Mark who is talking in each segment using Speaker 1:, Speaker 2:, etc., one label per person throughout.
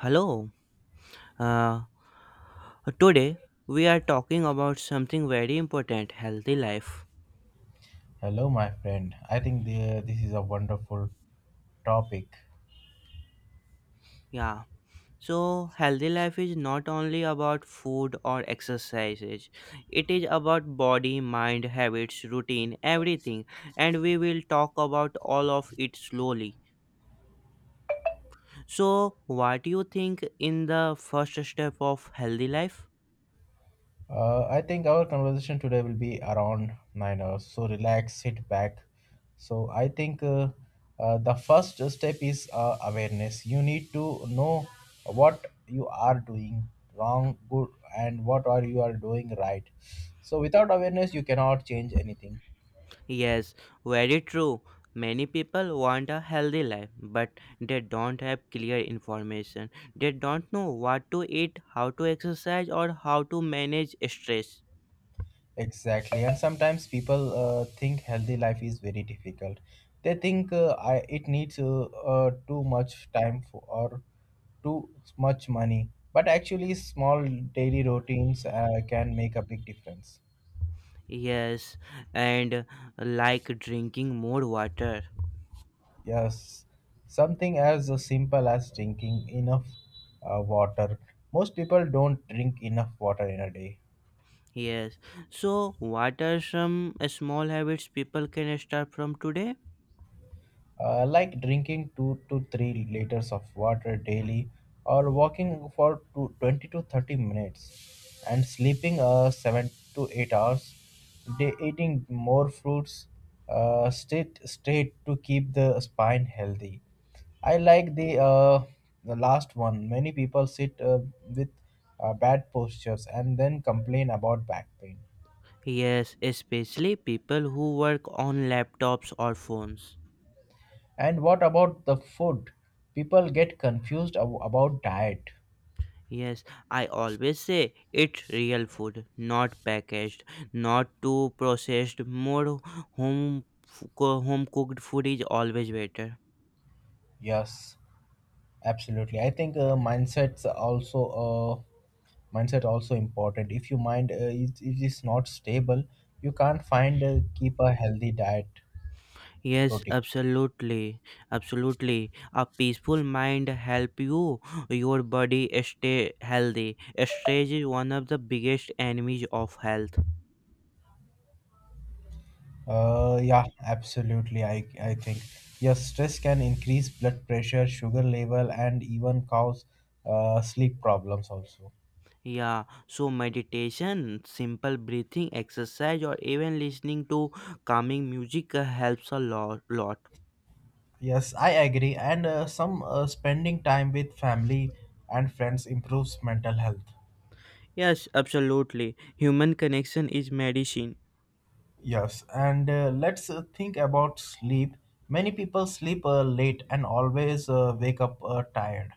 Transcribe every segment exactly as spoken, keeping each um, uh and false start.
Speaker 1: Hello. Uh, Today we are talking about something very important healthy life.
Speaker 2: Hello, my friend. I think the, this is a wonderful topic.
Speaker 1: Yeah. So, healthy life is not only about food or exercises, it is about body, mind, habits, routine, everything. And we will talk about all of it slowly. So, what do you think in the first step of healthy life?
Speaker 2: Uh, I think our conversation today will be around nine hours. So relax, sit back. So I think uh, uh, the first step is uh, awareness. You need to know what you are doing wrong, good, and what are you are doing right. So without awareness, you cannot change anything.
Speaker 1: Yes, very true. Many people want a healthy life, but they don't have clear information. They don't know what to eat, how to exercise, or how to manage stress.
Speaker 2: Exactly, and sometimes people uh, think healthy life is very difficult. They think uh, I it needs uh, uh, too much time for, or too much money. But actually, small daily routines uh, can make a big difference.
Speaker 1: Yes, and like drinking more water.
Speaker 2: Yes, something as simple as drinking enough uh, water. Most people don't drink enough water in a day.
Speaker 1: Yes, so what are some small habits people can start from today?
Speaker 2: Uh, like drinking two to three liters of water daily, or walking for two, twenty to thirty minutes, and sleeping uh, seven to eight hours, they eating more fruits, uh, straight straight to keep the spine healthy. I like the uh, the last one. Many people sit uh, with uh, bad postures, and then complain about back pain.
Speaker 1: Yes, especially people who work on laptops or phones.
Speaker 2: And what about the food? People get confused ab- about diet.
Speaker 1: Yes, I always say it's real food, not packaged, not too processed. More home co- home cooked food is always better.
Speaker 2: Yes, absolutely. I think uh, mindsets also uh, mindset also important. If your mind uh, is it is not stable, you can't find uh, keep a healthy diet
Speaker 1: Yes,
Speaker 2: routine.
Speaker 1: absolutely, absolutely. A peaceful mind help you your body stay healthy. Stress is one of the biggest enemies of health.
Speaker 2: Uh, yeah, absolutely. I I think, yes, stress can increase blood pressure, sugar level, and even cause uh, sleep problems also.
Speaker 1: Yeah, so meditation, simple breathing exercise, or even listening to calming music uh, helps a lot. lot.
Speaker 2: Yes, I agree. And uh, some uh, spending time with family and friends improves mental health.
Speaker 1: Yes, absolutely. Human connection is medicine.
Speaker 2: Yes, and uh, let's uh, think about sleep. Many people sleep uh, late and always uh, wake up uh, tired.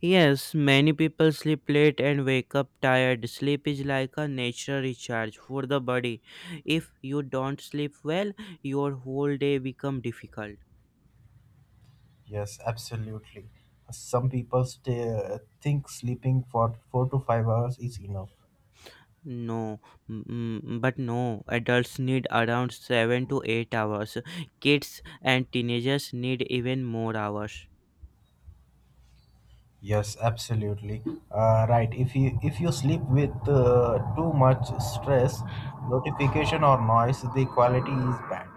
Speaker 1: Yes, many people sleep late and wake up tired. Sleep is like a natural recharge for the body. If you don't sleep well, your whole day become difficult.
Speaker 2: Yes, absolutely. Some people stay, uh, think sleeping for four to five hours is enough.
Speaker 1: No, mm, mm, but no, adults need around seven to eight hours. Kids and teenagers need even more hours.
Speaker 2: Yes, absolutely. Uh, right. If you if you sleep with uh, too much stress, notification or noise, the quality is bad.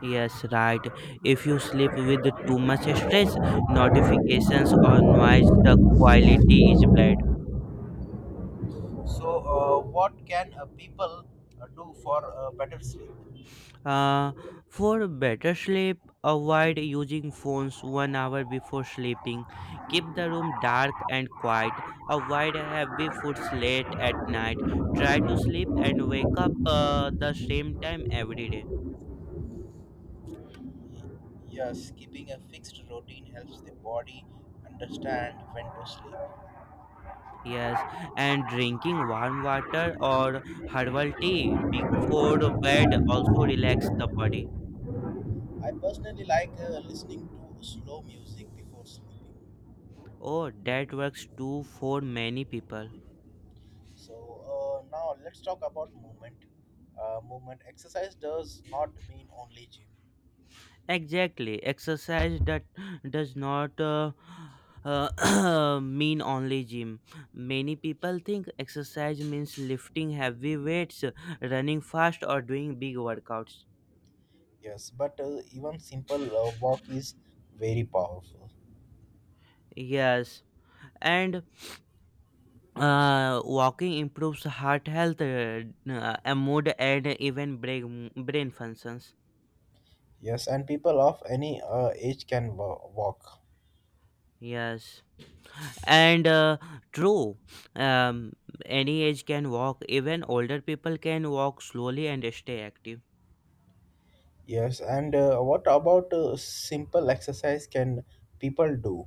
Speaker 1: Yes, right. If you sleep with too much stress, notifications, or noise, the quality is bad.
Speaker 2: So, uh, what can uh, people uh, do for uh, better sleep?
Speaker 1: Uh, for better sleep, avoid using phones one hour before sleeping. Keep the room dark and quiet. Avoid heavy foods late at night. Try to sleep and wake up uh, the same time every day.
Speaker 2: Yeah, skipping a fixed routine helps the body understand when to sleep.
Speaker 1: Yes, and drinking warm water or herbal tea before bed also relax the body.
Speaker 2: I personally like uh, listening to slow music before sleeping.
Speaker 1: Oh, that works too for many people.
Speaker 2: So uh, now let's talk about movement. Uh, movement exercise does not mean only gym.
Speaker 1: Exactly. Exercise that does not uh, uh, mean only gym. Many people think exercise means lifting heavy weights, running fast, or doing big workouts.
Speaker 2: Yes, but uh, even simple uh, walk is very powerful.
Speaker 1: Yes, and uh, walking improves heart health, uh, uh, mood, and even brain brain functions.
Speaker 2: Yes, and people of any uh, age can wa- walk.
Speaker 1: Yes, and uh, true. um, any age can walk, even older people can walk slowly and stay active.
Speaker 2: Yes, and uh, what about uh, simple exercise can people do?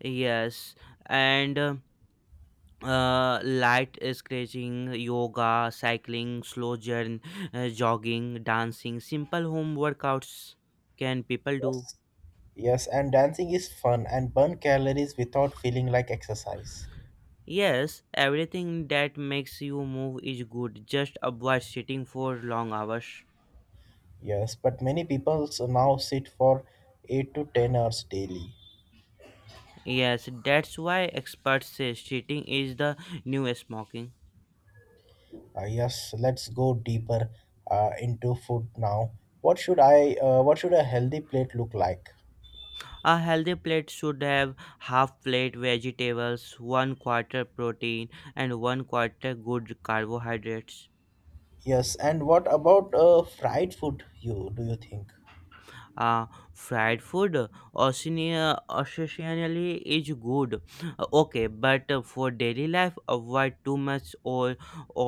Speaker 1: Yes, and uh, uh, light scratching, yoga, cycling, slow journey, uh, jogging, dancing, simple home workouts can people do.
Speaker 2: Yes. Yes, and dancing is fun and burn calories without feeling like exercise.
Speaker 1: Yes, everything that makes you move is good. Just avoid sitting for long hours.
Speaker 2: Yes, but many people now sit for eight to ten hours daily.
Speaker 1: Yes, that's why experts say sitting is the new smoking.
Speaker 2: Uh, yes, let's go deeper uh, into food now. What should I uh, what should a healthy plate look like?
Speaker 1: A healthy plate should have half plate vegetables, one quarter protein, and one quarter good carbohydrates.
Speaker 2: Yes, and what about uh, fried food, you do you think?
Speaker 1: Uh, Fried food occasionally occasionally is good. Uh, okay, but uh, for daily life avoid too much oil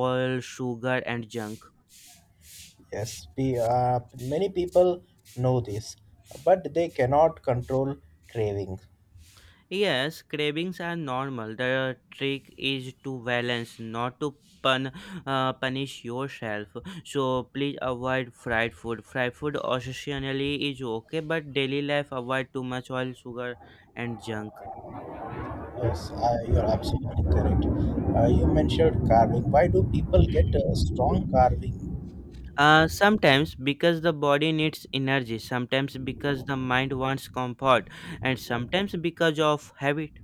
Speaker 1: oil sugar, and junk.
Speaker 2: Yes, we, uh, many people know this, but they cannot control craving.
Speaker 1: Yes, cravings are normal. The trick is to balance, not to pun, uh, punish yourself. So please avoid fried food. Fried food occasionally is okay, but daily life avoid too much oil, sugar, and junk.
Speaker 2: Yes, uh, you're absolutely correct. Uh, you mentioned carving. Why do people get a strong carving?
Speaker 1: Uh, sometimes because the body needs energy, sometimes because the mind wants comfort, and sometimes because of habit.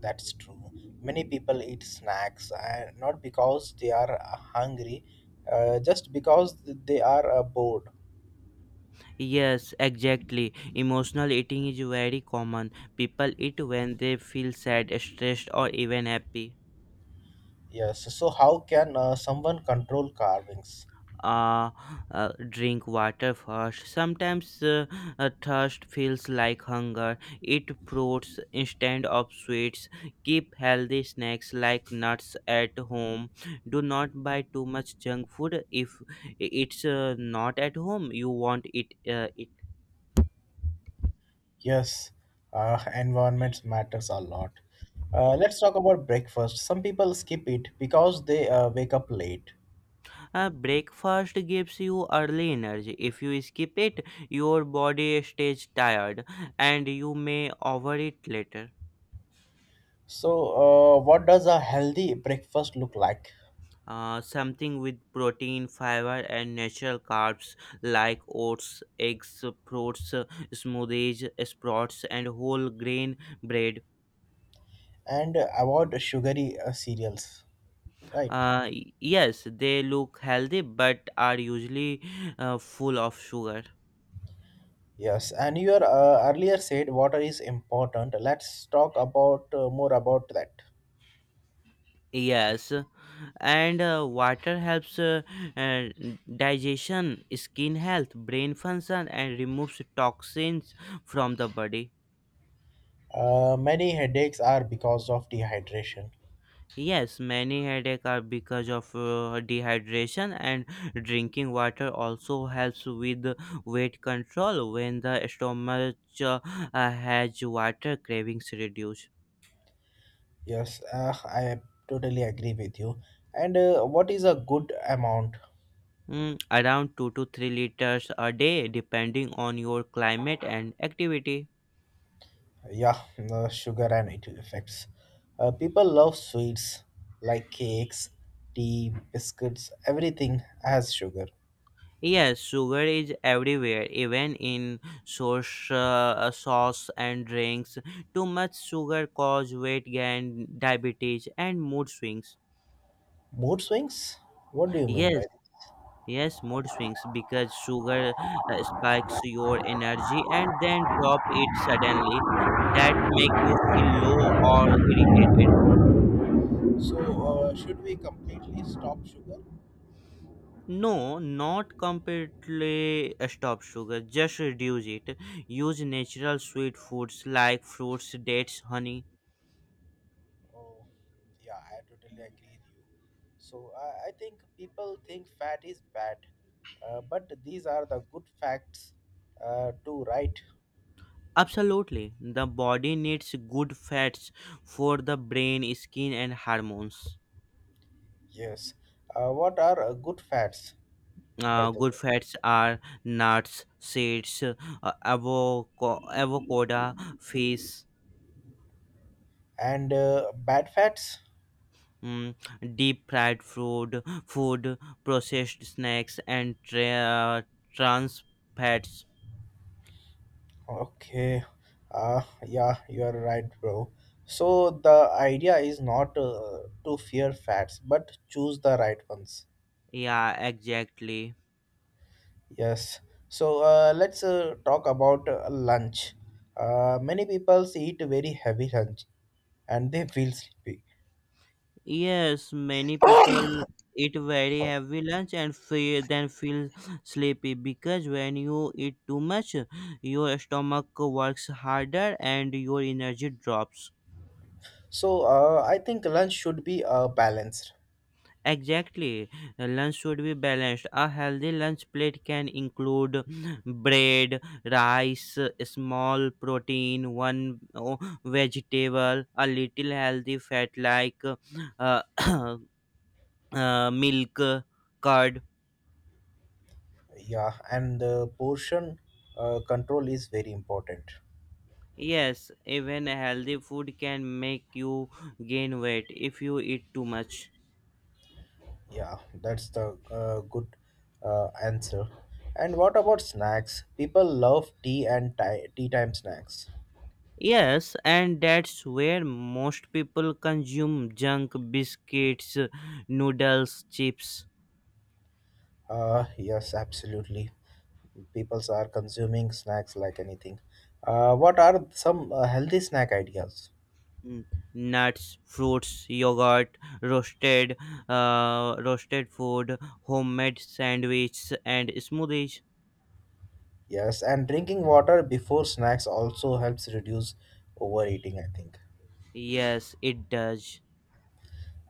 Speaker 2: That's true. Many people eat snacks uh, not because they are uh, hungry, uh, just because they are uh, bored.
Speaker 1: Yes, exactly. Emotional eating is very common. People eat when they feel sad, stressed, or even happy.
Speaker 2: Yes, so how can uh, someone control carvings?
Speaker 1: Uh, uh, Drink water first. Sometimes uh, uh, thirst feels like hunger. Eat fruits instead of sweets. Keep healthy snacks like nuts at home. Do not buy too much junk food. If it's uh, not at home, you won't eat uh, it.
Speaker 2: Yes, uh, environment matters a lot. Uh, let's talk about breakfast. Some people skip it because they uh, wake up late.
Speaker 1: Uh, breakfast gives you early energy. If you skip it, your body stays tired and you may overeat later.
Speaker 2: So, uh, what does a healthy breakfast look like?
Speaker 1: Uh, something with protein, fiber, and natural carbs like oats, eggs, fruits, uh, smoothies, sprouts, and whole grain bread.
Speaker 2: And avoid sugary uh, cereals, right?
Speaker 1: Uh, y- yes, they look healthy but are usually uh, full of sugar.
Speaker 2: Yes, and you are uh, earlier said water is important. Let's talk about uh, more about that.
Speaker 1: Yes, and uh, water helps uh, uh, digestion, skin health, brain function, and removes toxins from the body.
Speaker 2: Uh, many headaches are because of dehydration.
Speaker 1: Yes, many headaches are because of uh, dehydration, and drinking water also helps with weight control. When the stomach uh, uh, has water, cravings reduce.
Speaker 2: Yes, uh, I totally agree with you. And uh, what is a good amount?
Speaker 1: Mm, around two to three liters a day, depending on your climate and activity.
Speaker 2: Yeah. uh, sugar and its effects. Uh, people love sweets, like cakes, tea, biscuits, everything has sugar.
Speaker 1: Yes, sugar is everywhere, even in sauce, uh, sauce and drinks. Too much sugar cause weight gain, diabetes, and mood swings.
Speaker 2: Mood swings, what do you mean
Speaker 1: Yes,
Speaker 2: by that?
Speaker 1: yes, mood swings because sugar uh, spikes your energy and then drop it suddenly. That make you feel low or irritated.
Speaker 2: So, uh, should we completely stop sugar?
Speaker 1: No, not completely uh, stop sugar, just reduce it. Use natural sweet foods like fruits, dates, honey.
Speaker 2: Oh, yeah, I totally agree with you. So, I I think people think fat is bad, uh, but these are the good facts, uh, to right?
Speaker 1: Absolutely. The body needs good fats for the brain, skin, and hormones.
Speaker 2: Yes. Uh, what are uh, good fats, by
Speaker 1: Uh,
Speaker 2: the
Speaker 1: good
Speaker 2: way?
Speaker 1: fats are nuts, seeds, uh, avoco- avocado, fish.
Speaker 2: And uh, bad fats?
Speaker 1: mm, Deep fried food, food, processed snacks, and tra- trans fats.
Speaker 2: Okay. Uh, yeah, you are right, bro. So, the idea is not uh, to fear fats, but choose the right ones.
Speaker 1: Yeah, exactly.
Speaker 2: Yes. So uh, let's uh, talk about uh, lunch. Uh, many people eat very heavy lunch and they feel sleepy.
Speaker 1: Yes, many people eat very heavy lunch and fe then feel sleepy because when you eat too much, your stomach works harder and your energy drops.
Speaker 2: So uh, I think lunch should be uh, balanced.
Speaker 1: Exactly. Uh, lunch should be balanced. A healthy lunch plate can include bread, rice, small protein, one oh, vegetable, a little healthy fat like uh, uh, milk, curd.
Speaker 2: Yeah, and the portion uh, control is very important.
Speaker 1: Yes, even a healthy food can make you gain weight if you eat too much.
Speaker 2: Yeah, that's the uh, good uh, answer. And what about snacks? People love tea and ti- tea time snacks.
Speaker 1: Yes, and that's where most people consume junk biscuits, noodles, chips,
Speaker 2: Uh, yes, absolutely. People are consuming snacks like anything. Uh, what are some uh, healthy snack ideas?
Speaker 1: n- nuts, fruits, yogurt, roasted, uh, roasted food, homemade sandwiches, and smoothies.
Speaker 2: Yes, and drinking water before snacks also helps reduce overeating, I think.
Speaker 1: Yes, it does.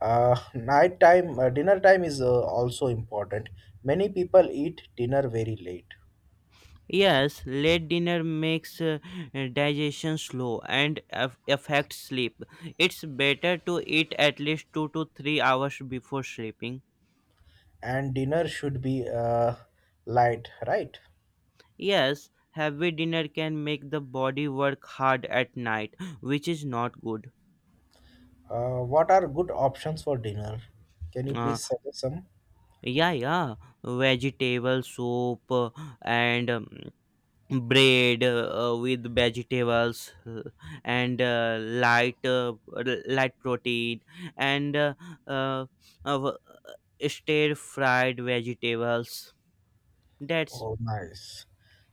Speaker 2: Uh, night time, uh, dinner time is uh, also important. Many people eat dinner very late,
Speaker 1: Yes, late dinner makes uh, digestion slow and af- affects sleep. It's better to eat at least two to three hours before sleeping.
Speaker 2: and dinner should be uh, light, right?
Speaker 1: Yes, heavy dinner can make the body work hard at night, which is not good.
Speaker 2: Uh, what are good options for dinner? Can you
Speaker 1: Uh,
Speaker 2: please suggest some?
Speaker 1: yeah, yeah, vegetable soup uh, and um, bread uh, with vegetables uh, and uh, light uh, r- light protein and uh, uh, uh, stir fried vegetables. That's.
Speaker 2: Oh, nice.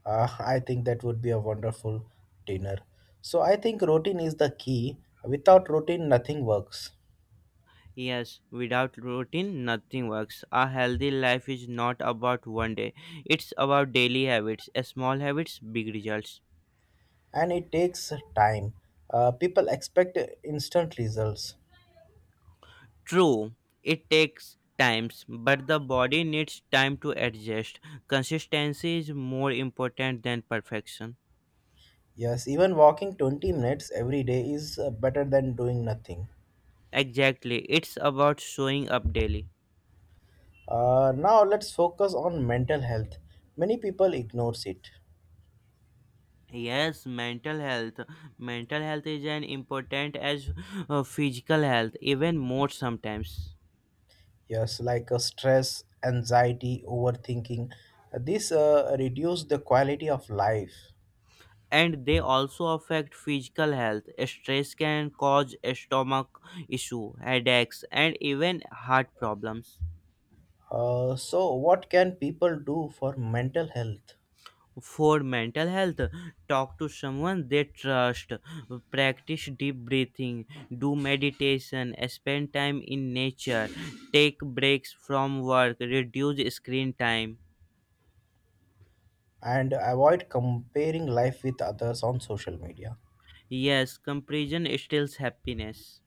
Speaker 2: Uh, I think that would be a wonderful dinner. So I think routine is the key. Without routine, nothing works.
Speaker 1: Yes, without routine nothing works. A healthy life is not about one day. It's about daily habits. Uh, small habits, big results.
Speaker 2: And it takes time. Uh, people expect instant results.
Speaker 1: True, it takes times but the body needs time to adjust. Consistency is more important than perfection.
Speaker 2: Yes, even walking twenty minutes every day is uh, better than doing nothing.
Speaker 1: Exactly. It's about showing up daily.
Speaker 2: Uh, now let's focus on mental health. Many people ignores it.
Speaker 1: Yes, mental health. Mental health is as important as uh, physical health, even more sometimes.
Speaker 2: Yes, like uh, stress, anxiety, overthinking. Uh, This uh, reduce the quality of life.
Speaker 1: And they also affect physical health. Stress can cause stomach issue, headaches, and even heart problems.
Speaker 2: Uh, so, what can people do for mental health,
Speaker 1: For mental health, talk to someone they trust, practice deep breathing, do meditation, spend time in nature, take breaks from work, reduce screen time.
Speaker 2: and avoid comparing life with others on social media?
Speaker 1: Yes, comparison steals happiness.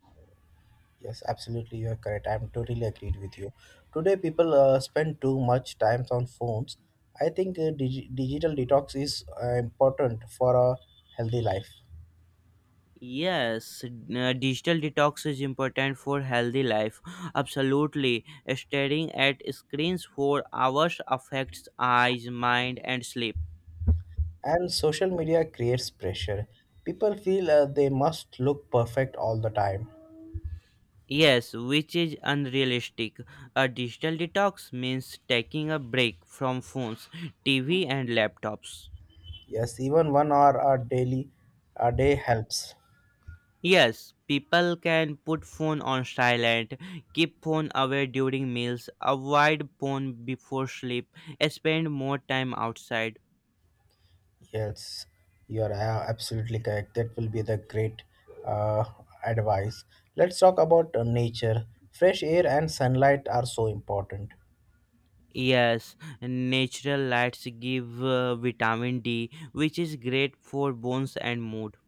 Speaker 2: Yes, absolutely, you are correct. I'm totally agreed with you. Today, people uh, spend too much time on phones. I think uh, dig- digital detox is uh, important for a healthy life.
Speaker 1: Yes, uh, digital detox is important for healthy life. Absolutely. Staring at screens for hours affects eyes, mind and sleep.
Speaker 2: And social media creates pressure. People feel uh, they must look perfect all the time.
Speaker 1: Yes, which is unrealistic. A digital detox means taking a break from phones, T V and laptops.
Speaker 2: Yes, even one hour a daily a day helps.
Speaker 1: Yes, people can put phone on silent, keep phone away during meals, avoid phone before sleep, spend more time outside.
Speaker 2: Yes, you are uh, absolutely correct. That will be the great uh, advice. Let's talk about uh, nature. Fresh air and sunlight are so important.
Speaker 1: Yes, natural lights give uh, vitamin D, which is great for bones and mood.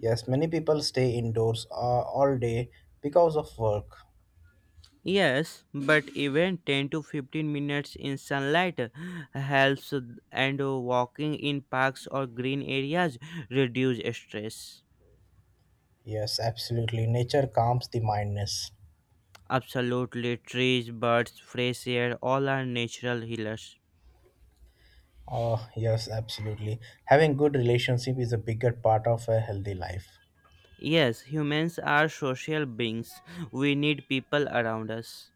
Speaker 2: Yes, many people stay indoors uh, all day because of work.
Speaker 1: Yes, but even ten to fifteen minutes in sunlight helps, uh, and walking in parks or green areas reduce stress.
Speaker 2: Yes, absolutely. Nature calms the mindness.
Speaker 1: Absolutely, trees, birds, fresh air, all are natural healers.
Speaker 2: Oh, yes, absolutely. Having good relationship is a bigger part of a healthy life.
Speaker 1: Yes, humans are social beings. We need people around us.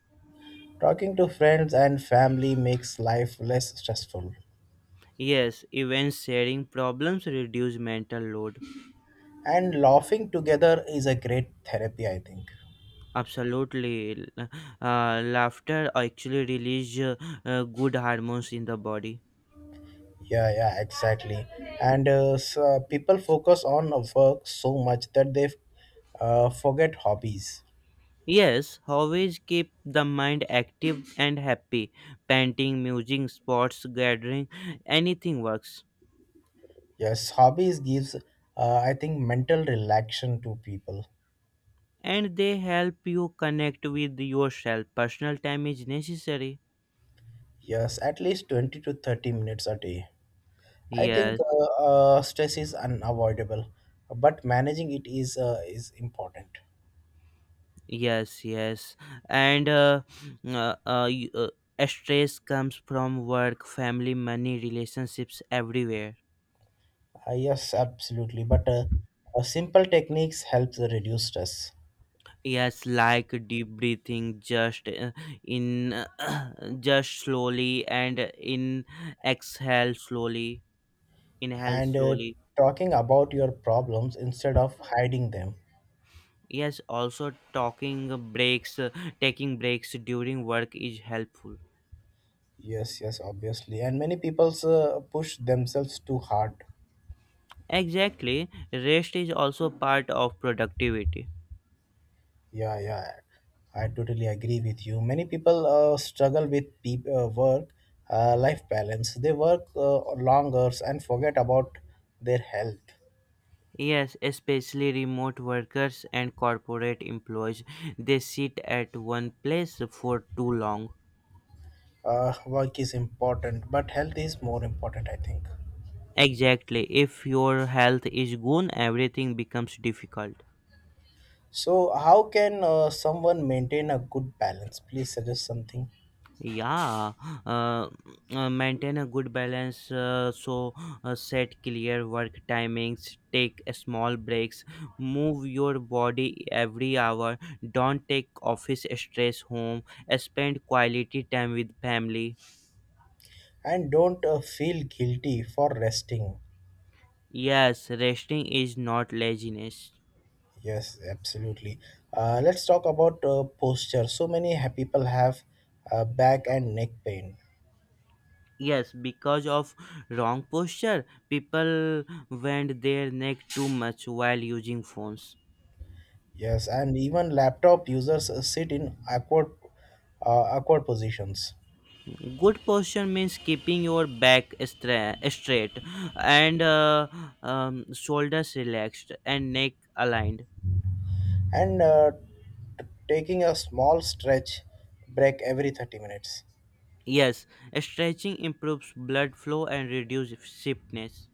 Speaker 2: Talking to friends and family makes life less stressful.
Speaker 1: Yes, even sharing problems reduce mental load.
Speaker 2: And laughing together is a great therapy, I think.
Speaker 1: Absolutely. Uh, laughter actually releases uh, uh, good hormones in the body.
Speaker 2: Yeah, yeah, exactly. And uh, so people focus on work so much that they uh, forget hobbies.
Speaker 1: Yes, hobbies keep the mind active and happy. Painting, music, sports, gathering, anything works.
Speaker 2: Yes, hobbies gives, uh, I think, mental relaxation to people.
Speaker 1: And they help you connect with yourself. Personal time is necessary.
Speaker 2: Yes, at least twenty to thirty minutes a day. I think
Speaker 1: Yes,
Speaker 2: uh, uh, stress is unavoidable, but managing it is uh, is important.
Speaker 1: yes, yes. And uh, uh, uh, y- uh, stress comes from work, family, money, relationships, everywhere.
Speaker 2: Uh, yes, absolutely. But uh, uh, simple techniques helps reduce stress,
Speaker 1: Yes, like deep breathing, just uh, in just slowly, and in, exhale slowly, inhale
Speaker 2: and uh,
Speaker 1: slowly.
Speaker 2: talking about your problems instead of hiding them.
Speaker 1: Yes, also talking, breaks uh, taking breaks during work is helpful.
Speaker 2: Yes, yes, obviously. And many people uh, push themselves too hard.
Speaker 1: Exactly, rest is also part of productivity.
Speaker 2: Yeah, yeah. I totally agree with you. Many people uh, struggle with pe- uh, work uh, life balance. They work uh, long hours and forget about their health.
Speaker 1: Yes, especially remote workers and corporate employees. They sit at one place for too long.
Speaker 2: Uh, work is important, but health is more important, I think.
Speaker 1: Exactly. If your health is gone, everything becomes difficult.
Speaker 2: So, how can uh, someone maintain a good balance? Please suggest something.
Speaker 1: Yeah, uh, uh, maintain a good balance. Uh, so, uh, set clear work timings, take a small breaks, move your body every hour, don't take office stress home, spend quality time with family.
Speaker 2: And don't uh, feel guilty for resting.
Speaker 1: Yes, resting is not laziness.
Speaker 2: Yes, absolutely. Uh, let's talk about uh, posture. So many ha- people have uh, back and neck pain.
Speaker 1: Yes, because of wrong posture, people bend their neck too much while using phones.
Speaker 2: Yes, and even laptop users uh, sit in awkward, uh, awkward positions.
Speaker 1: Good posture means keeping your back stra- straight and uh, um, shoulders relaxed and neck aligned.
Speaker 2: And uh, t- taking a small stretch break every thirty minutes.
Speaker 1: Yes, stretching improves blood flow and reduces stiffness.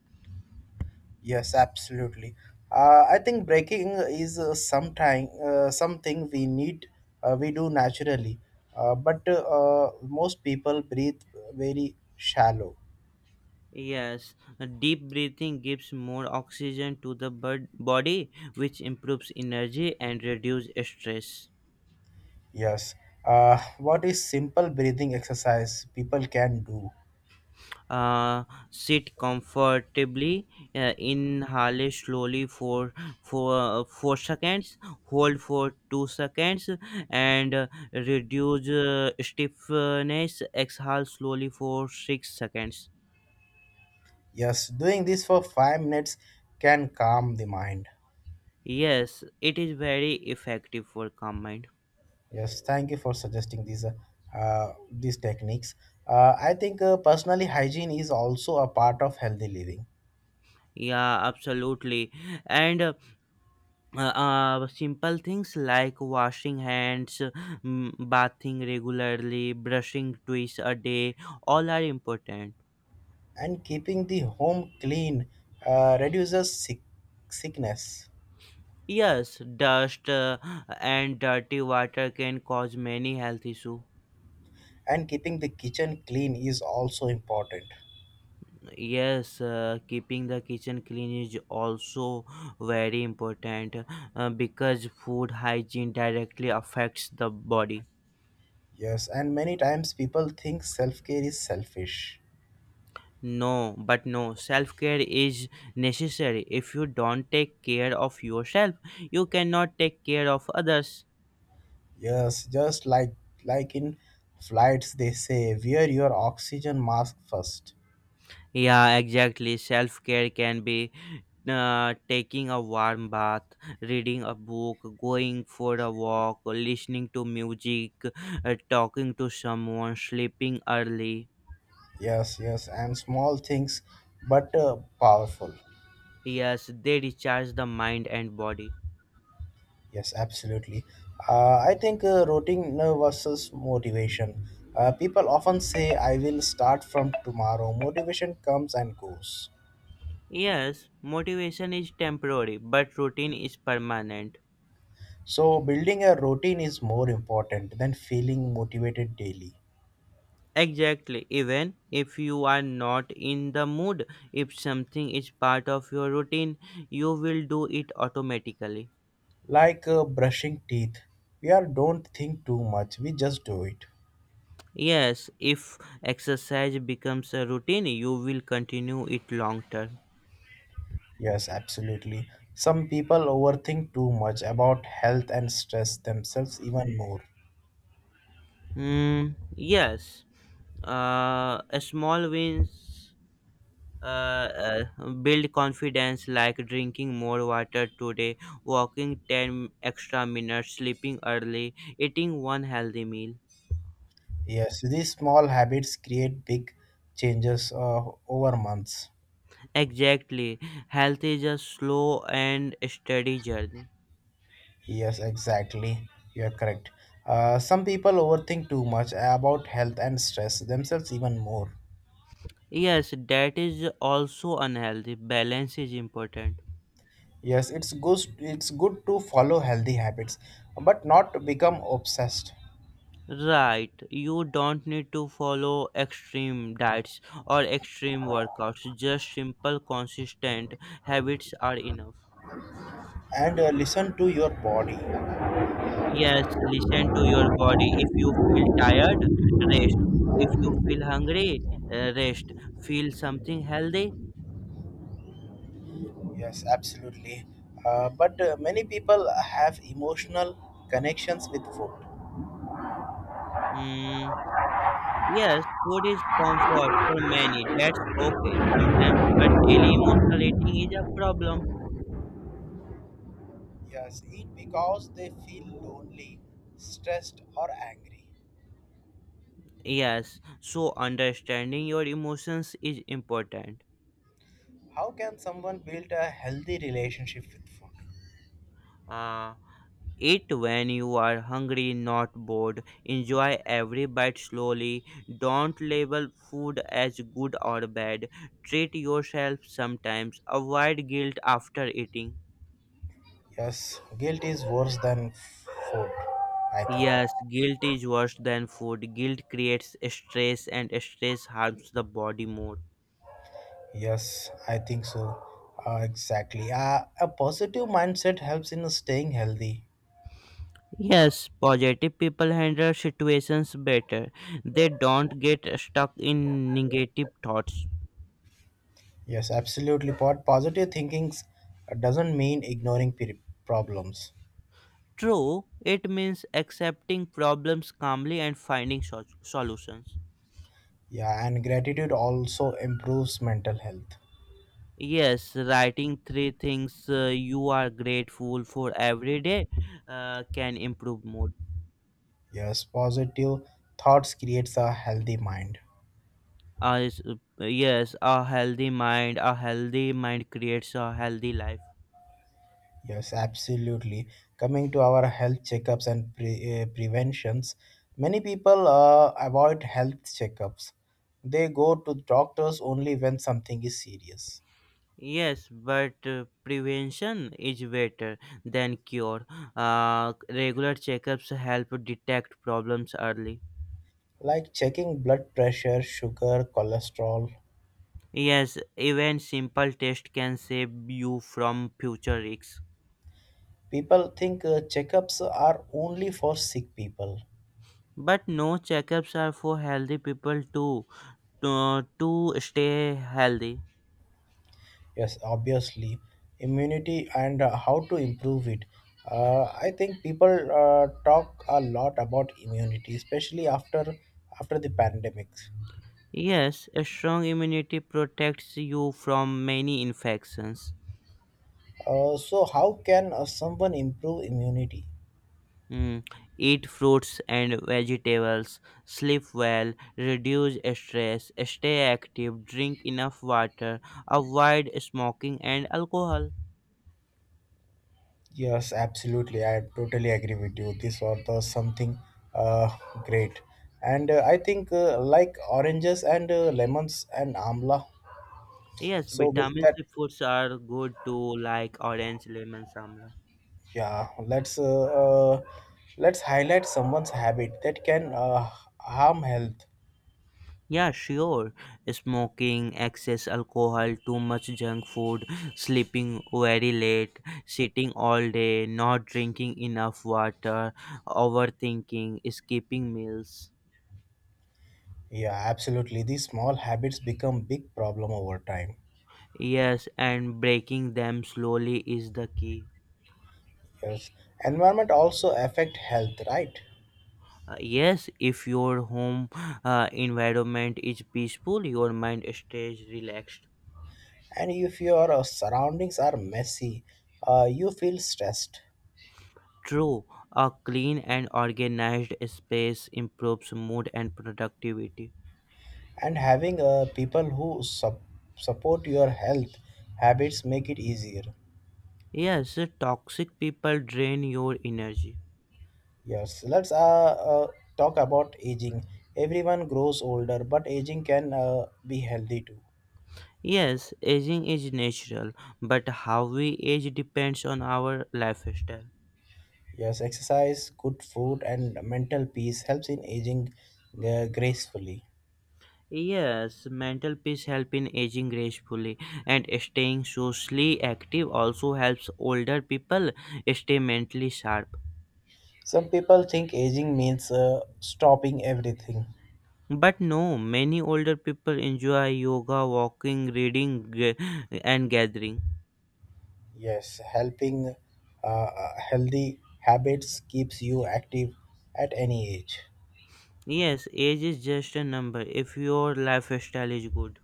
Speaker 2: Yes, absolutely. Uh, I think breaking is uh, sometime uh, something we need, uh, we do naturally, uh, but uh, uh, most people breathe very shallow.
Speaker 1: Yes, deep breathing gives more oxygen to the bird- body, which improves energy and reduces stress.
Speaker 2: Yes. Uh, what is simple breathing exercise people can do?
Speaker 1: uh, Sit comfortably, uh, inhale slowly for for four seconds, hold for two seconds, and uh, reduce uh, stiffness, exhale slowly for six seconds.
Speaker 2: Yes, doing this for five minutes can calm the mind.
Speaker 1: Yes, it is very effective for calm mind.
Speaker 2: Yes, thank you for suggesting these uh, uh, these techniques. Uh, I think uh, personally hygiene is also a part of healthy living,
Speaker 1: Yeah, absolutely. And uh, uh, simple things like washing hands, mm, bathing regularly, brushing twice a day, all are important.
Speaker 2: and keeping the home clean uh, reduces sick- sickness.
Speaker 1: Yes, dust uh, and dirty water can cause many health issues.
Speaker 2: And keeping the kitchen clean is also important.
Speaker 1: Yes, uh, keeping the kitchen clean is also very important uh, because food hygiene directly affects the body.
Speaker 2: Yes, and many times people think self care is selfish.
Speaker 1: No, but no, self care is necessary. If you don't take care of yourself, you cannot take care of others.
Speaker 2: Yes, just like like in flights, they say wear your oxygen mask first.
Speaker 1: Yeah, exactly. Self care can be uh, taking a warm bath, reading a book, going for a walk, listening to music, uh, talking to someone, sleeping early.
Speaker 2: Yes, yes, and small things, but uh, powerful.
Speaker 1: Yes, they recharge the mind and body.
Speaker 2: Yes, absolutely. Uh, I think uh, routine uh, versus motivation. Uh, people often say I will start from tomorrow. Motivation comes and goes.
Speaker 1: Yes, motivation is temporary, but routine is permanent.
Speaker 2: So building a routine is more important than feeling motivated daily.
Speaker 1: Exactly, even if you are not in the mood, if something is part of your routine, you will do it automatically.
Speaker 2: Like uh, brushing teeth. We are don't think too much. We just do it.
Speaker 1: Yes, if exercise becomes a routine, you will continue it long term.
Speaker 2: Yes, absolutely. Some people overthink too much about health and stress themselves even more.
Speaker 1: Mm, yes, uh, a small wins uh, uh, build confidence, like drinking more water today, walking ten extra minutes, sleeping early, eating one healthy meal.
Speaker 2: Yes, these small habits create big changes uh, over months.
Speaker 1: Exactly, health is a slow and steady journey.
Speaker 2: Yes, exactly. You are correct. Uh, some people overthink too much about health and stress themselves even more.
Speaker 1: Yes, that is also unhealthy. Balance is important.
Speaker 2: Yes, it's good. It's good to follow healthy habits, but not to become obsessed.
Speaker 1: Right, you don't need to follow extreme diets or extreme workouts, just simple, consistent habits are enough.
Speaker 2: And uh, listen to your body.
Speaker 1: Yes, listen to your body. If you feel tired, rest. If you feel hungry, uh, rest. Feel something healthy?
Speaker 2: Yes, absolutely. Uh, but uh, many people have emotional connections with food.
Speaker 1: Mm, yes, food is comfort for many. That's okay sometimes, but daily emotional eating is a problem.
Speaker 2: Yes, eat because they feel lonely, stressed, or angry.
Speaker 1: Yes, so understanding your emotions is important.
Speaker 2: How can someone build a healthy relationship with food?
Speaker 1: Uh, Eat when you are hungry, not bored. Enjoy every bite slowly. Don't label food as good or bad. Treat yourself sometimes. Avoid guilt after eating.
Speaker 2: Yes, guilt is worse than food, I think.
Speaker 1: Yes, guilt is worse than food. Guilt creates stress, and stress harms the body more.
Speaker 2: Yes, I think so. Uh, exactly. Uh, a positive mindset helps in staying healthy.
Speaker 1: Yes, positive people handle situations better. They don't get stuck in negative thoughts.
Speaker 2: Yes, absolutely. Po- Positive thinking doesn't mean ignoring pe- problems.
Speaker 1: True, it means accepting problems calmly and finding so- solutions.
Speaker 2: Yeah, and gratitude also improves mental health.
Speaker 1: Yes, writing three things uh, you are grateful for every day uh, can improve mood.
Speaker 2: Yes, positive thoughts creates a healthy mind.
Speaker 1: Uh, is- uh, yes, a healthy mind, a healthy mind creates a healthy life.
Speaker 2: Yes, absolutely. Coming to our health checkups and pre- uh, preventions, many people uh, avoid health checkups. They go to doctors only when something is serious,
Speaker 1: Yes, but uh, prevention is better than cure. Uh, regular checkups help detect problems early.
Speaker 2: like checking blood pressure, sugar, cholesterol.
Speaker 1: Yes, even simple tests can save you from future risks.
Speaker 2: People think uh, checkups are only for sick people.
Speaker 1: But no, checkups are for healthy people too, to, to stay healthy.
Speaker 2: Yes, obviously, immunity and uh, how to improve it. Uh, I think people uh, talk a lot about immunity, especially after after the pandemics.
Speaker 1: Yes, a strong immunity protects you from many infections.
Speaker 2: Uh, so, how can uh, someone improve immunity?
Speaker 1: Mm, Eat fruits and vegetables, sleep well, reduce stress, stay active, drink enough water, avoid smoking and alcohol.
Speaker 2: Yes, absolutely. I totally agree with you. This was the something uh, great, and uh, I think uh, like oranges and uh, lemons and amla.
Speaker 1: Yes,
Speaker 2: So with
Speaker 1: vitamin
Speaker 2: that.
Speaker 1: C foods are good too, like orange, lemon, samla.
Speaker 2: Yeah, let's uh, uh, let's highlight someone's habit that can uh, harm health.
Speaker 1: Yeah, sure. Smoking, excess alcohol, too much junk food, sleeping very late, sitting all day, not drinking enough water, overthinking, skipping meals.
Speaker 2: Yeah, absolutely. These small habits become big problem over time.
Speaker 1: Yes, and breaking them slowly is the key.
Speaker 2: Yes, environment also affect health, right?
Speaker 1: Uh, yes, if your home uh, environment is peaceful, your mind stays relaxed.
Speaker 2: And if your uh, surroundings are messy, uh, you feel stressed.
Speaker 1: True, a clean and organized space improves mood and productivity.
Speaker 2: And having uh, people who sup- support your health habits make it easier.
Speaker 1: Yes, toxic people drain your energy.
Speaker 2: Yes, let's uh, uh, talk about aging. Everyone grows older, but aging can uh, be healthy too.
Speaker 1: Yes, aging is natural, but how we age depends on our lifestyle.
Speaker 2: Yes, exercise, good food, and mental peace helps in aging uh, gracefully.
Speaker 1: Yes, mental peace helps in aging gracefully, and staying socially active also helps older people stay mentally sharp.
Speaker 2: Some people think aging means uh, stopping everything.
Speaker 1: But no, many older people enjoy yoga, walking, reading, g- and gathering.
Speaker 2: Yes, helping uh, uh, healthy habits keeps you active at any age.
Speaker 1: Yes, age is just a number if your lifestyle is good.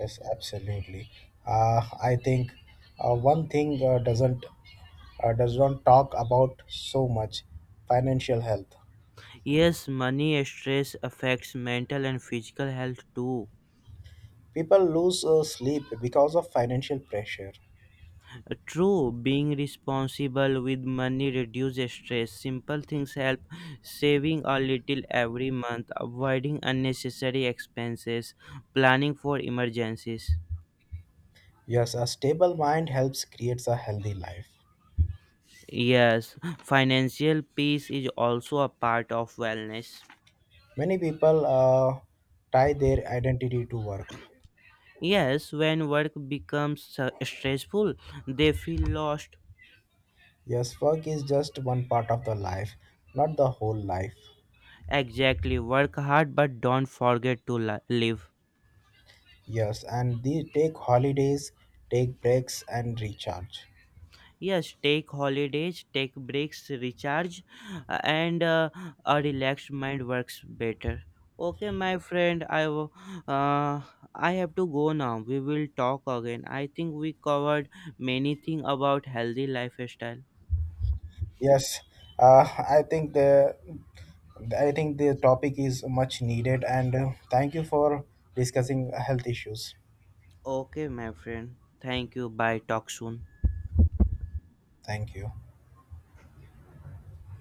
Speaker 2: Yes, absolutely. Uh, I think uh, one thing uh, doesn't uh, does not talk about so much: financial health.
Speaker 1: Yes, money stress affects mental and physical health too.
Speaker 2: People lose uh, sleep because of financial pressure.
Speaker 1: Uh, True, being responsible with money reduces stress. Simple things help saving a little every month, avoiding unnecessary expenses, planning for emergencies.
Speaker 2: Yes, a stable mind helps creates a healthy life.
Speaker 1: Yes, financial peace is also a part of wellness.
Speaker 2: Many people uh, tie their identity to work.
Speaker 1: Yes, when work becomes uh, stressful, they feel lost.
Speaker 2: Yes, work is just one part of the life, not the whole life.
Speaker 1: Exactly. Work hard, but don't forget to li- live.
Speaker 2: Yes, and they take holidays, take breaks, and recharge.
Speaker 1: Yes, take holidays, take breaks, recharge, uh, and uh, a relaxed mind works better. Okay, my friend, I w- uh, I have to go now. We will talk again. I think we covered many things about healthy lifestyle.
Speaker 2: Yes, uh, I think the I think the topic is much needed, and uh, thank you for discussing health issues.
Speaker 1: Okay, my friend. Thank you. Bye. Talk soon.
Speaker 2: Thank you.